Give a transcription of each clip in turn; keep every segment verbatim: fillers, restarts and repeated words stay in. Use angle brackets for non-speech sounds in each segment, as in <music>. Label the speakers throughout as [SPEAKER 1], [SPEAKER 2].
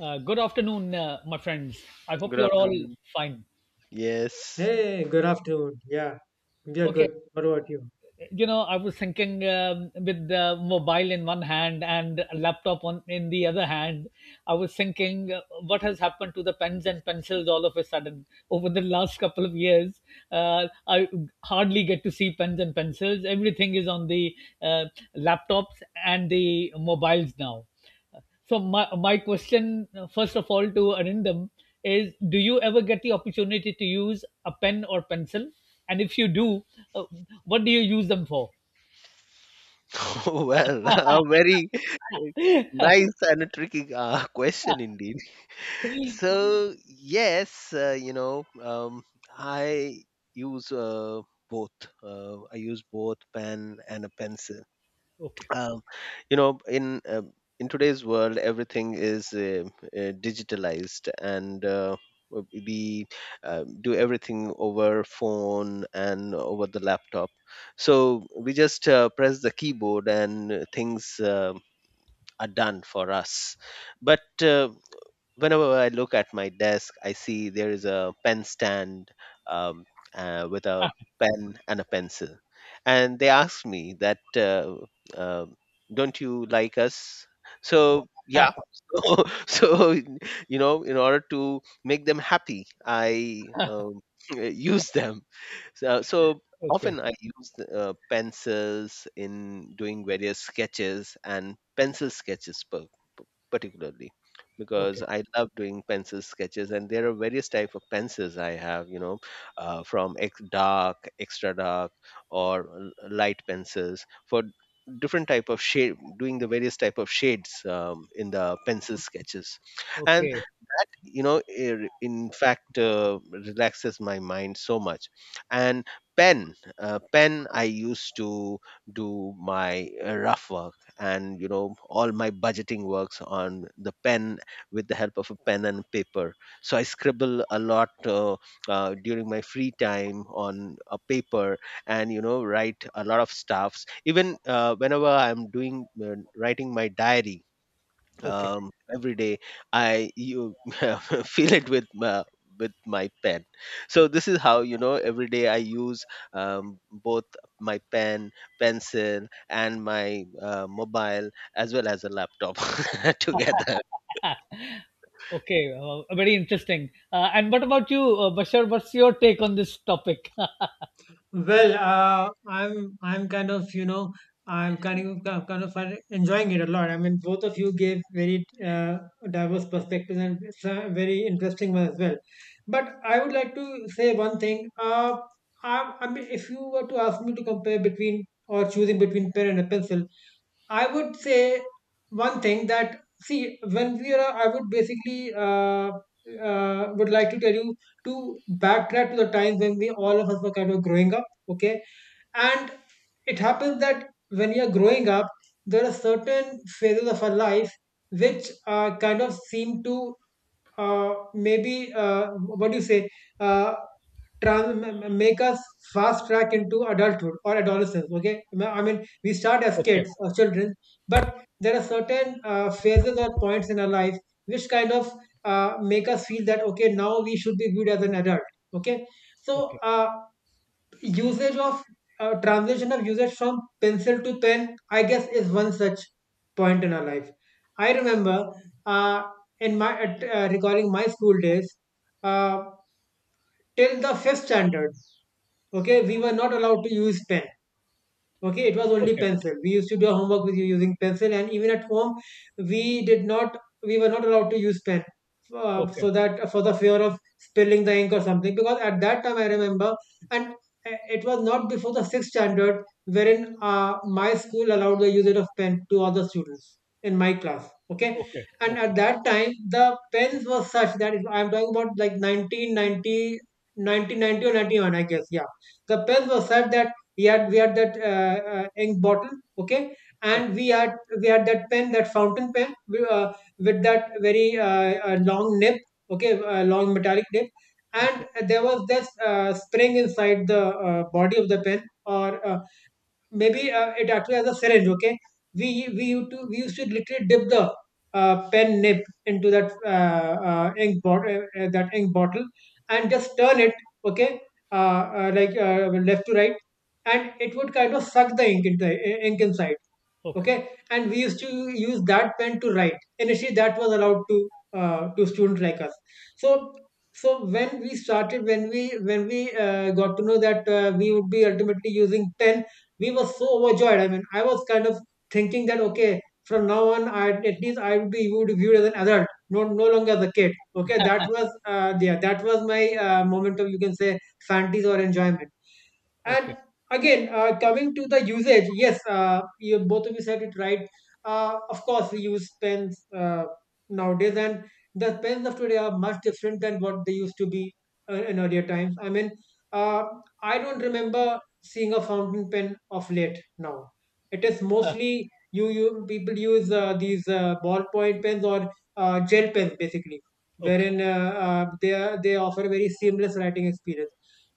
[SPEAKER 1] Uh, good afternoon, uh, my friends. I hope
[SPEAKER 2] Good
[SPEAKER 1] you're all
[SPEAKER 2] afternoon.
[SPEAKER 1] fine.
[SPEAKER 2] Yes.
[SPEAKER 3] Hey, good afternoon. Yeah, we are
[SPEAKER 1] Okay,
[SPEAKER 3] good. What about you?
[SPEAKER 1] you know, I was thinking um, with the mobile in one hand and a laptop on in the other hand, I was thinking uh, what has happened to the pens and pencils all of a sudden over the last couple of years. Uh, I hardly get to see pens and pencils. Everything is on the uh, laptops and the mobiles now. So my my question, uh, first of all, to Arindam is: do you ever get the opportunity to use a pen or pencil? And if you do, uh, what do you use them for?
[SPEAKER 2] <laughs> Oh, well, <laughs> a
[SPEAKER 1] <laughs>
[SPEAKER 2] very eh, nice and a tricky uh, <laughs> question indeed. So, yes, uh, you know, um, I use uh, both. Uh, I use both pen and a pencil.
[SPEAKER 1] Okay.
[SPEAKER 2] uh, you know in uh, in today's world everything is uh, uh, digitalized and uh, w- we uh, do everything over phone and over the laptop, so we just uh, press the keyboard and uh, things um, are done for us. But uh, whenever I look at my desk, I see there is a pen stand um, uh, with a
[SPEAKER 1] Ah,
[SPEAKER 2] pen and a pencil. And they ask me that, uh, uh, don't you like us? So, yeah. <laughs> So, so, you know, in order to make them happy, I um, <laughs> use them, so, uh, so
[SPEAKER 1] okay.
[SPEAKER 2] often I use uh, pencils in doing various sketches and pencil sketches per, particularly because
[SPEAKER 1] Okay.
[SPEAKER 2] I love doing pencil sketches, and there are various type of pencils I have, you know, uh, from ex- dark, extra dark or l- light pencils for different type of shade doing the various type of shades um, in the pencil sketches, and
[SPEAKER 1] Okay.
[SPEAKER 2] you know ir- in fact uh, relaxes my mind so much. And pen uh, pen I used to do my uh, rough work, and you know, all my budgeting works on the pen, with the help of a pen and paper. So I scribble a lot uh, uh, during my free time on a paper, and you know, write a lot of stuffs, even uh, whenever I'm doing uh, writing my diary
[SPEAKER 1] Okay. <laughs>
[SPEAKER 2] um, every day. I you <laughs> feel it with my, with my pen. So this is how, you know, every day I use um, both my pen, pencil, and my uh, mobile as well as a laptop <laughs> together.
[SPEAKER 1] Ah, okay. Uh, very interesting. Uh, and what about you, uh, Bashar? What's your take on this topic? <laughs>
[SPEAKER 3] Well, uh, I'm I'm kind of you know I'm kind of kind of kind of fin- enjoying it a lot. I mean, both of you gave very uh, diverse perspectives, and it's very interesting one as well. But I would like to say one thing. Uh, I, I mean, if you were to ask me to compare between or choosing between pen and a pencil, I would say one thing that, see, when we are, I would basically uh, uh, would like to tell you to backtrack to the times when we, all of us, were kind of growing up, okay, and it happens that when you're growing up there are certain phases of our life which uh, kind of seem to uh, maybe uh, what do you say, uh, trans- m- m- make us fast track into adulthood or adolescence. Okay, M- I mean we start as
[SPEAKER 1] Okay.
[SPEAKER 3] kids or children, but there are certain uh, phases or points in our life which kind of uh, make us feel that okay now we should be viewed as an adult. Okay, so
[SPEAKER 1] Okay.
[SPEAKER 3] uh, usage of, uh, translation of usage from pencil to pen, I guess, is one such point in our life. I remember, uh, in my at, uh, recalling my school days, uh, till the fifth standard. Okay, we were not allowed to use pen. Okay, it was only
[SPEAKER 1] Okay.
[SPEAKER 3] pencil we used to do our homework with, using pencil, and even at home we did not we were not allowed to use pen, uh,
[SPEAKER 1] Okay.
[SPEAKER 3] so that for the fear of spilling the ink or something, because at that time I remember. And uh, it was not before the sixth standard wherein uh, my school allowed the usage of pen to other students in my class. Okay.
[SPEAKER 1] Okay.
[SPEAKER 3] And at
[SPEAKER 1] Okay.
[SPEAKER 3] that time the pens were such that, if I'm talking about, like, nineteen ninety, nineteen ninety or ninety-one, I guess, yeah, the pens were such that we had we had that uh, uh, ink bottle. Okay.
[SPEAKER 1] Okay.
[SPEAKER 3] And we had we had that pen, that fountain pen, uh, with that very uh, uh, long nib. Okay, uh, long metallic nib.
[SPEAKER 1] Okay.
[SPEAKER 3] And there was this uh, spring inside the uh, body of the pen, or uh, maybe uh, it actually has a syringe. Okay, we we used to we used to literally dip the uh, pen nib into that uh, uh, ink bottle, uh, uh, that ink bottle, and just turn it. Okay, uh, uh, like uh, left to right, and it would kind of suck the ink into the ink inside.
[SPEAKER 1] Okay.
[SPEAKER 3] Okay, and we used to use that pen to write. Initially that was allowed to, uh, to students like us. So so when we started when we when we uh, got to know that uh, we would be ultimately using pen, we were so overjoyed. I mean, I was kind of thinking that okay from now on, I, at least, I would be viewed, viewed as an adult, no, no longer as a kid. Okay, that was, uh, yeah, that was my uh, moment of, you can say, fantasy or enjoyment.
[SPEAKER 1] Okay.
[SPEAKER 3] And again, uh, coming to the usage, yes, uh, you, both of you said it right. Uh, of course, we use pens uh, nowadays, and the pens of today are much different than what they used to be uh, in earlier times. I mean, uh, I don't remember seeing a fountain pen of late now. It is
[SPEAKER 1] Uh,
[SPEAKER 3] mostly, you, you people use uh, these uh, ballpoint pens or uh, gel pens, basically,
[SPEAKER 1] okay.
[SPEAKER 3] wherein uh, uh, they, are- they offer a very seamless writing experience.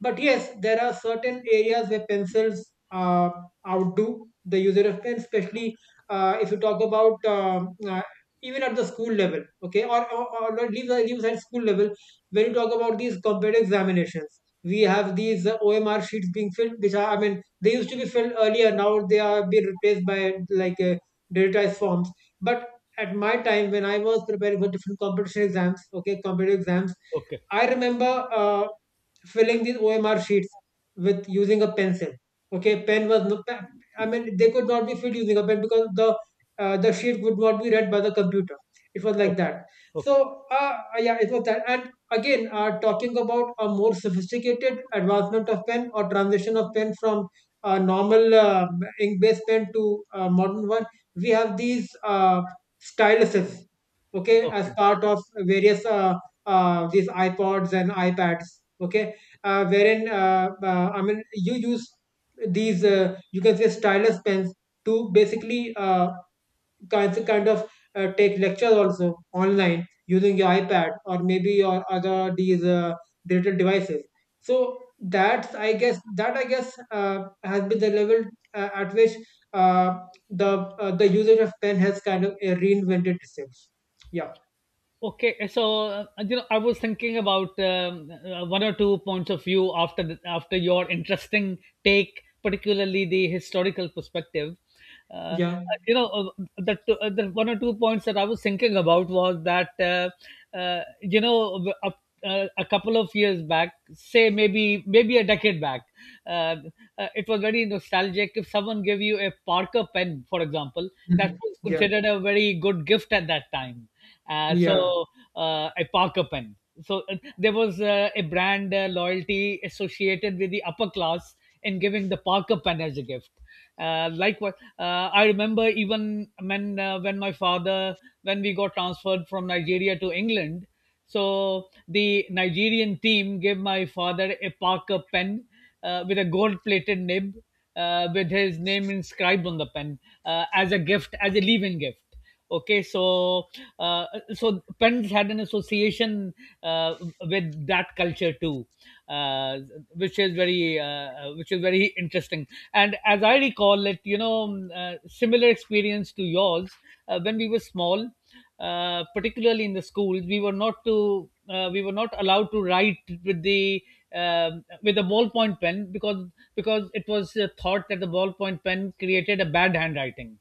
[SPEAKER 3] But yes, there are certain areas where pencils uh, outdo the user of pen, especially uh, if you talk about, um, uh, even at the school level, okay, or, or, or leave, leave at school level, when you talk about these competitive examinations. We have these uh, O M R sheets being filled, which are, I mean, they used to be filled earlier. Now they are being replaced by, like, uh, digitized forms. But at my time, when I was preparing for different competition exams, okay, competitive exams,
[SPEAKER 1] Okay.
[SPEAKER 3] I remember Uh, filling these O M R sheets with, using a pencil. Okay, pen was no, I mean they could not be filled using a pen because the uh, the sheet would not be read by the computer. It was like
[SPEAKER 1] Ok.
[SPEAKER 3] that.
[SPEAKER 1] Ok.
[SPEAKER 3] So, uh, uh, yeah, it was that. And again, uh, talking about a more sophisticated advancement of pen, or transition of pen from a normal uh, ink-based pen to a modern one, we have these uh, styluses. Okay,
[SPEAKER 1] Ok.
[SPEAKER 3] as part of various, uh, uh, these iPods and iPads. Okay, uh, wherein, uh, uh, I mean you use these, uh, you can say, stylus pens, to basically uh, kind kind of uh, take lectures also online using your iPad or maybe your other these uh, digital devices. So that's, I guess, that I guess uh, has been the level uh, at which, uh, the uh, the usage of pen has kind of uh, reinvented itself. Yeah,
[SPEAKER 1] Okay, so uh, you know, I was thinking about um, uh, one or two points of view after the, after your interesting take, particularly the historical perspective. Uh,
[SPEAKER 3] yeah.
[SPEAKER 1] you know, uh, the, two- uh, the one or two points that I was thinking about was that uh, uh, you know a, uh, a couple of years back, say maybe maybe a decade back, uh, uh, it was very nostalgic. If someone gave you a Parker pen, for example, that
[SPEAKER 3] Mhm,
[SPEAKER 1] was
[SPEAKER 3] yeah,
[SPEAKER 1] considered a very good gift at that time. Uh,
[SPEAKER 3] yeah.
[SPEAKER 1] so, uh, a Parker pen. So uh, there was uh, a brand uh, loyalty associated with the upper class in giving the Parker pen as a gift. Uh, likewise, uh, I remember even when uh, when my father, when we got transferred from Nigeria to England. So the Nigerian team gave my father a Parker pen, uh, with a gold-plated nib, uh, with his name inscribed on the pen, uh, as a gift, as a leave-in gift. Okay, so uh, so Penn's had an association uh, with that culture too, uh, which is very uh, which is very interesting. And as I recall it, you know, um, uh, similar experience to yours uh, when we were small, uh, particularly in the schools, we were not to uh, we were not allowed to write with the um with a ballpoint pen, because because it was uh, thought that the ballpoint pen created a bad handwriting,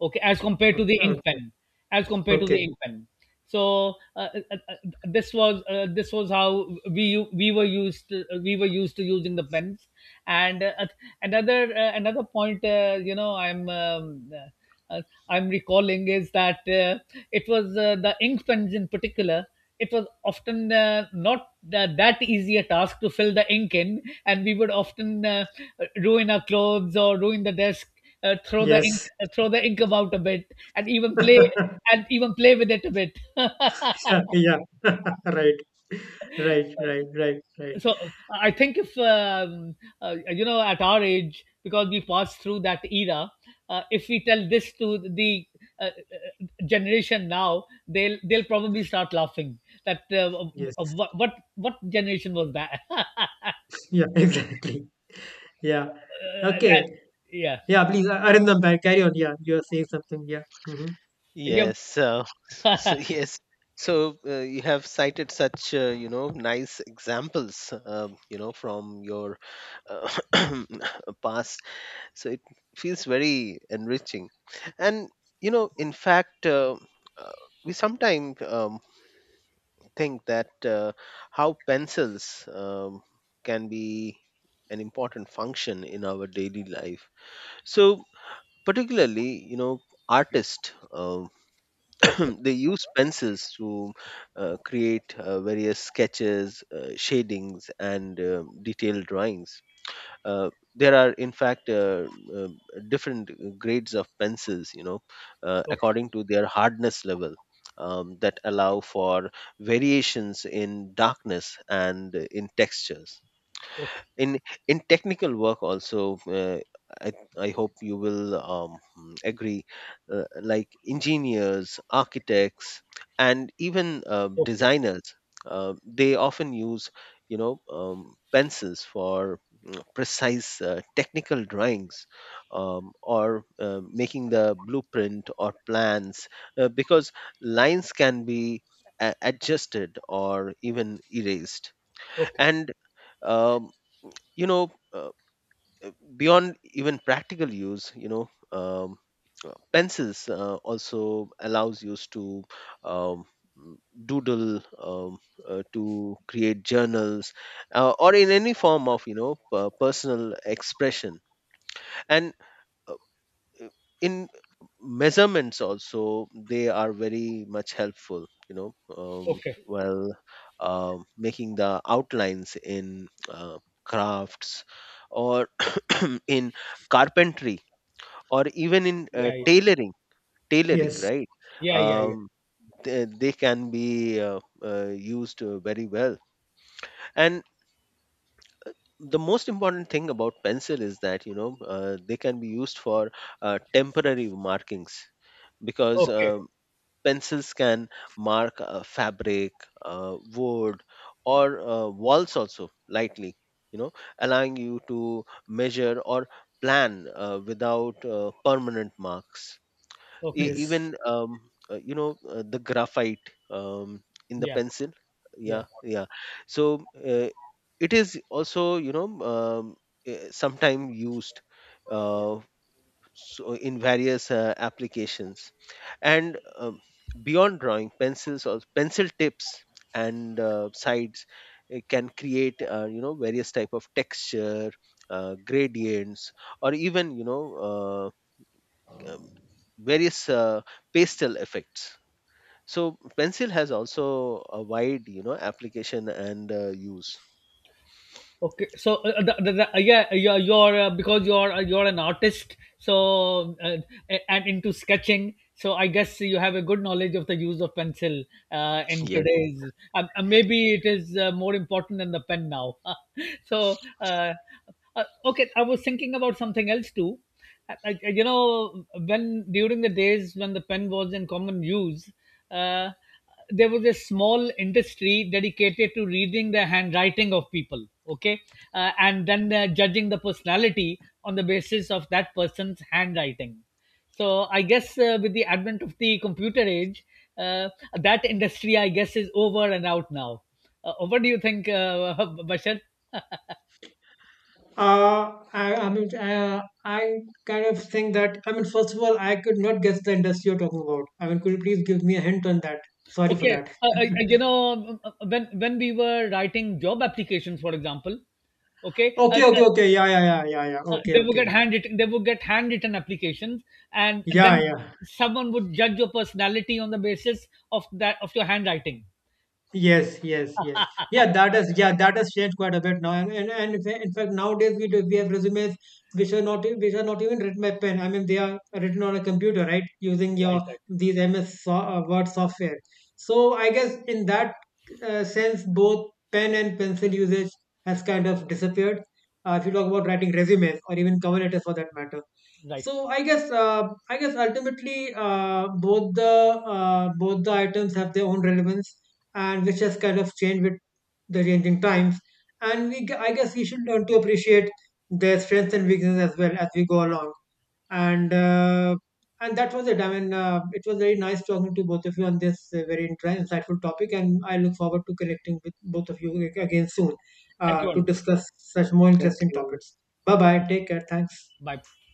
[SPEAKER 1] okay, as compared to
[SPEAKER 3] Okay,
[SPEAKER 1] the
[SPEAKER 3] okay,
[SPEAKER 1] ink pen, as compared to the
[SPEAKER 3] okay.
[SPEAKER 1] ink pen. So uh, uh, uh, this was uh, this was how we u- we were used to, uh, we were used to using the pens. And uh, another uh, another point, uh, you know i'm um, uh, uh, i'm recalling, is that uh, it was uh, the ink pens in particular. It was often uh, not tha- that easy a task to fill the ink in, and we would often uh, ruin our clothes or ruin the desk, uh, throw the ink
[SPEAKER 3] Yes.
[SPEAKER 1] uh, throw the ink about a bit, and even play
[SPEAKER 3] <laughs>
[SPEAKER 1] and even play with it a bit. <laughs>
[SPEAKER 3] Yeah, yeah. <laughs> Right. Right, right, right, right.
[SPEAKER 1] So I think if um, uh, you know at our age, because we passed through that era, uh, if we tell this to the uh, uh, generation now, they'll they'll probably start laughing that, uh,
[SPEAKER 3] Yes.
[SPEAKER 1] what what what generation was that? <laughs>
[SPEAKER 3] Yeah, <laughs> exactly. Yeah.
[SPEAKER 1] Uh,
[SPEAKER 3] Okay.
[SPEAKER 1] yeah,
[SPEAKER 3] Yeah, please, uh, Arindam, ba- carry on. Yeah, you are saying something. Yeah. Hmm.
[SPEAKER 1] yeah,
[SPEAKER 2] Yes so, so yes so uh, you have cited such uh, you know, nice examples um, you know, from your uh, <clears throat> past. So it feels very enriching. And you know, in fact, uh, uh, we sometimes um, think that uh, how pencils um, can be an important function in our daily life. So particularly, you know, artists um
[SPEAKER 1] okay,
[SPEAKER 2] <clears throat> they use pencils to uh, create uh, various sketches, uh, shadings, and uh, detailed drawings. uh, there are in fact uh, uh, different grades of pencils, you know, uh,
[SPEAKER 1] okay,
[SPEAKER 2] according to their hardness level, um, that allow for variations in darkness and in textures.
[SPEAKER 1] okay,
[SPEAKER 2] in in technical work also, uh, I, I hope you will um, mm, agree, uh, like engineers, architects, and even uh,
[SPEAKER 1] okay,
[SPEAKER 2] designers, uh, they often use, you know, um, pencils for mm, precise uh, technical drawings, um, or uh, making the blueprint or plans, uh, because lines can be a- adjusted or even erased.
[SPEAKER 1] okay,
[SPEAKER 2] And um, you know, uh, beyond even practical use, you know, um, uh, pencils uh, also allows you to um, mm, doodle, um, uh, to create journals uh, or in any form of, you know, uh, personal expression. And uh, in measurements also, they are very much helpful, you know, um,
[SPEAKER 1] okay,
[SPEAKER 2] well um making the outlines in uh, crafts, or <clears throat> in carpentry, or even in uh,
[SPEAKER 1] yeah, yeah,
[SPEAKER 2] tailoring. Tailoring,
[SPEAKER 3] Yes,
[SPEAKER 2] right.
[SPEAKER 1] yeah, yeah, yeah.
[SPEAKER 2] Um, they, they can be uh, uh, used uh, very well. And the most important thing about pencil is that, you know, uh, they can be used for uh, temporary markings, because
[SPEAKER 1] Okay.
[SPEAKER 2] uh, pencils can mark uh, fabric, uh, wood, or uh, walls also lightly, you know, allowing you to measure or plan uh, without uh, permanent marks. E-
[SPEAKER 1] Okay.
[SPEAKER 3] yes.
[SPEAKER 2] even, um, uh, you know, uh, the graphite um, in the
[SPEAKER 1] Yeah.
[SPEAKER 2] pencil.
[SPEAKER 1] Yeah.
[SPEAKER 2] Yeah, yeah. So uh, it is also, you know, um, sometimes used. Uh, so in various uh, applications. And um, beyond drawing, pencils or pencil tips and uh, sides uh, can create, uh, you know, various type of texture, uh, gradients, or even, you know, uh, um, various uh, pastel effects. So pencil has also a wide, you know, application and uh, use.
[SPEAKER 1] Okay. So uh, the, the, the, uh, yeah, uh, you're, you're uh, because you're uh, you're an artist, so uh, a- and into sketching. So I guess you have a good knowledge of the use of pencil uh, in
[SPEAKER 2] Yes.
[SPEAKER 1] today's. Um, uh, maybe it is uh, more important than the pen now. <laughs> So uh, uh, okay, I was thinking about something else too. I, I, you know, when during the days when the pen was in common use, Uh, there was a small industry dedicated to reading the handwriting of people, okay, uh, and then uh, judging the personality on the basis of that person's handwriting. So I guess uh, with the advent of the computer age, uh, that industry I guess is over and out now. Uh, what do you think, uh, <laughs> Bashar?
[SPEAKER 3] Uh, I, I mean, uh, I kind of think that, I mean, first of all, I could not guess the industry you're talking about. I mean, could you please give me a hint on that? Sorry for
[SPEAKER 1] Okay,
[SPEAKER 3] that.
[SPEAKER 1] uh,
[SPEAKER 3] <laughs>
[SPEAKER 1] uh, you know uh, uh, when when we were writing job applications, for example, okay. uh,
[SPEAKER 3] Okay, okay,
[SPEAKER 1] uh,
[SPEAKER 3] okay. Yeah, yeah, yeah, yeah, yeah.
[SPEAKER 1] Uh,
[SPEAKER 3] Okay,
[SPEAKER 1] they would
[SPEAKER 3] okay.
[SPEAKER 1] get handwritten. They would get handwritten applications, and
[SPEAKER 3] Yeah,
[SPEAKER 1] then
[SPEAKER 3] yeah.
[SPEAKER 1] someone would judge your personality on the basis of that of your handwriting.
[SPEAKER 3] Yes, yes, yes.
[SPEAKER 1] <laughs>
[SPEAKER 3] Yeah, that has, yeah, that has changed quite a bit now. And and, and in fa- in fact, nowadays we do we have resumes, which are not e- which are not even written by pen. I mean, they are written on a computer, right? Using your
[SPEAKER 1] Right, right,
[SPEAKER 3] these M S, so, uh, Word software. So I guess in that uh, sense, both pen and pencil usage has kind of disappeared, Uh, if you talk about writing resumes or even cover letters for that matter.
[SPEAKER 1] right.
[SPEAKER 3] So I guess, uh, I guess ultimately, uh, both the uh, both the items have their own relevance, and which has kind of changed with the changing times. And we, g- I guess we should learn to appreciate their strengths and weaknesses as well as we go along. And uh, and that was it. I mean, uh, it was very nice talking to both of you on this uh, very intri- insightful topic, and I look forward to connecting with both of you ag- again soon,
[SPEAKER 1] Thank
[SPEAKER 3] uh,
[SPEAKER 1] you,
[SPEAKER 3] to
[SPEAKER 1] Anand.
[SPEAKER 3] discuss such more
[SPEAKER 2] Thank
[SPEAKER 3] interesting
[SPEAKER 2] you.
[SPEAKER 3] topics. Bye bye.
[SPEAKER 1] Thank
[SPEAKER 3] Take care. Thanks.
[SPEAKER 1] you. Bye.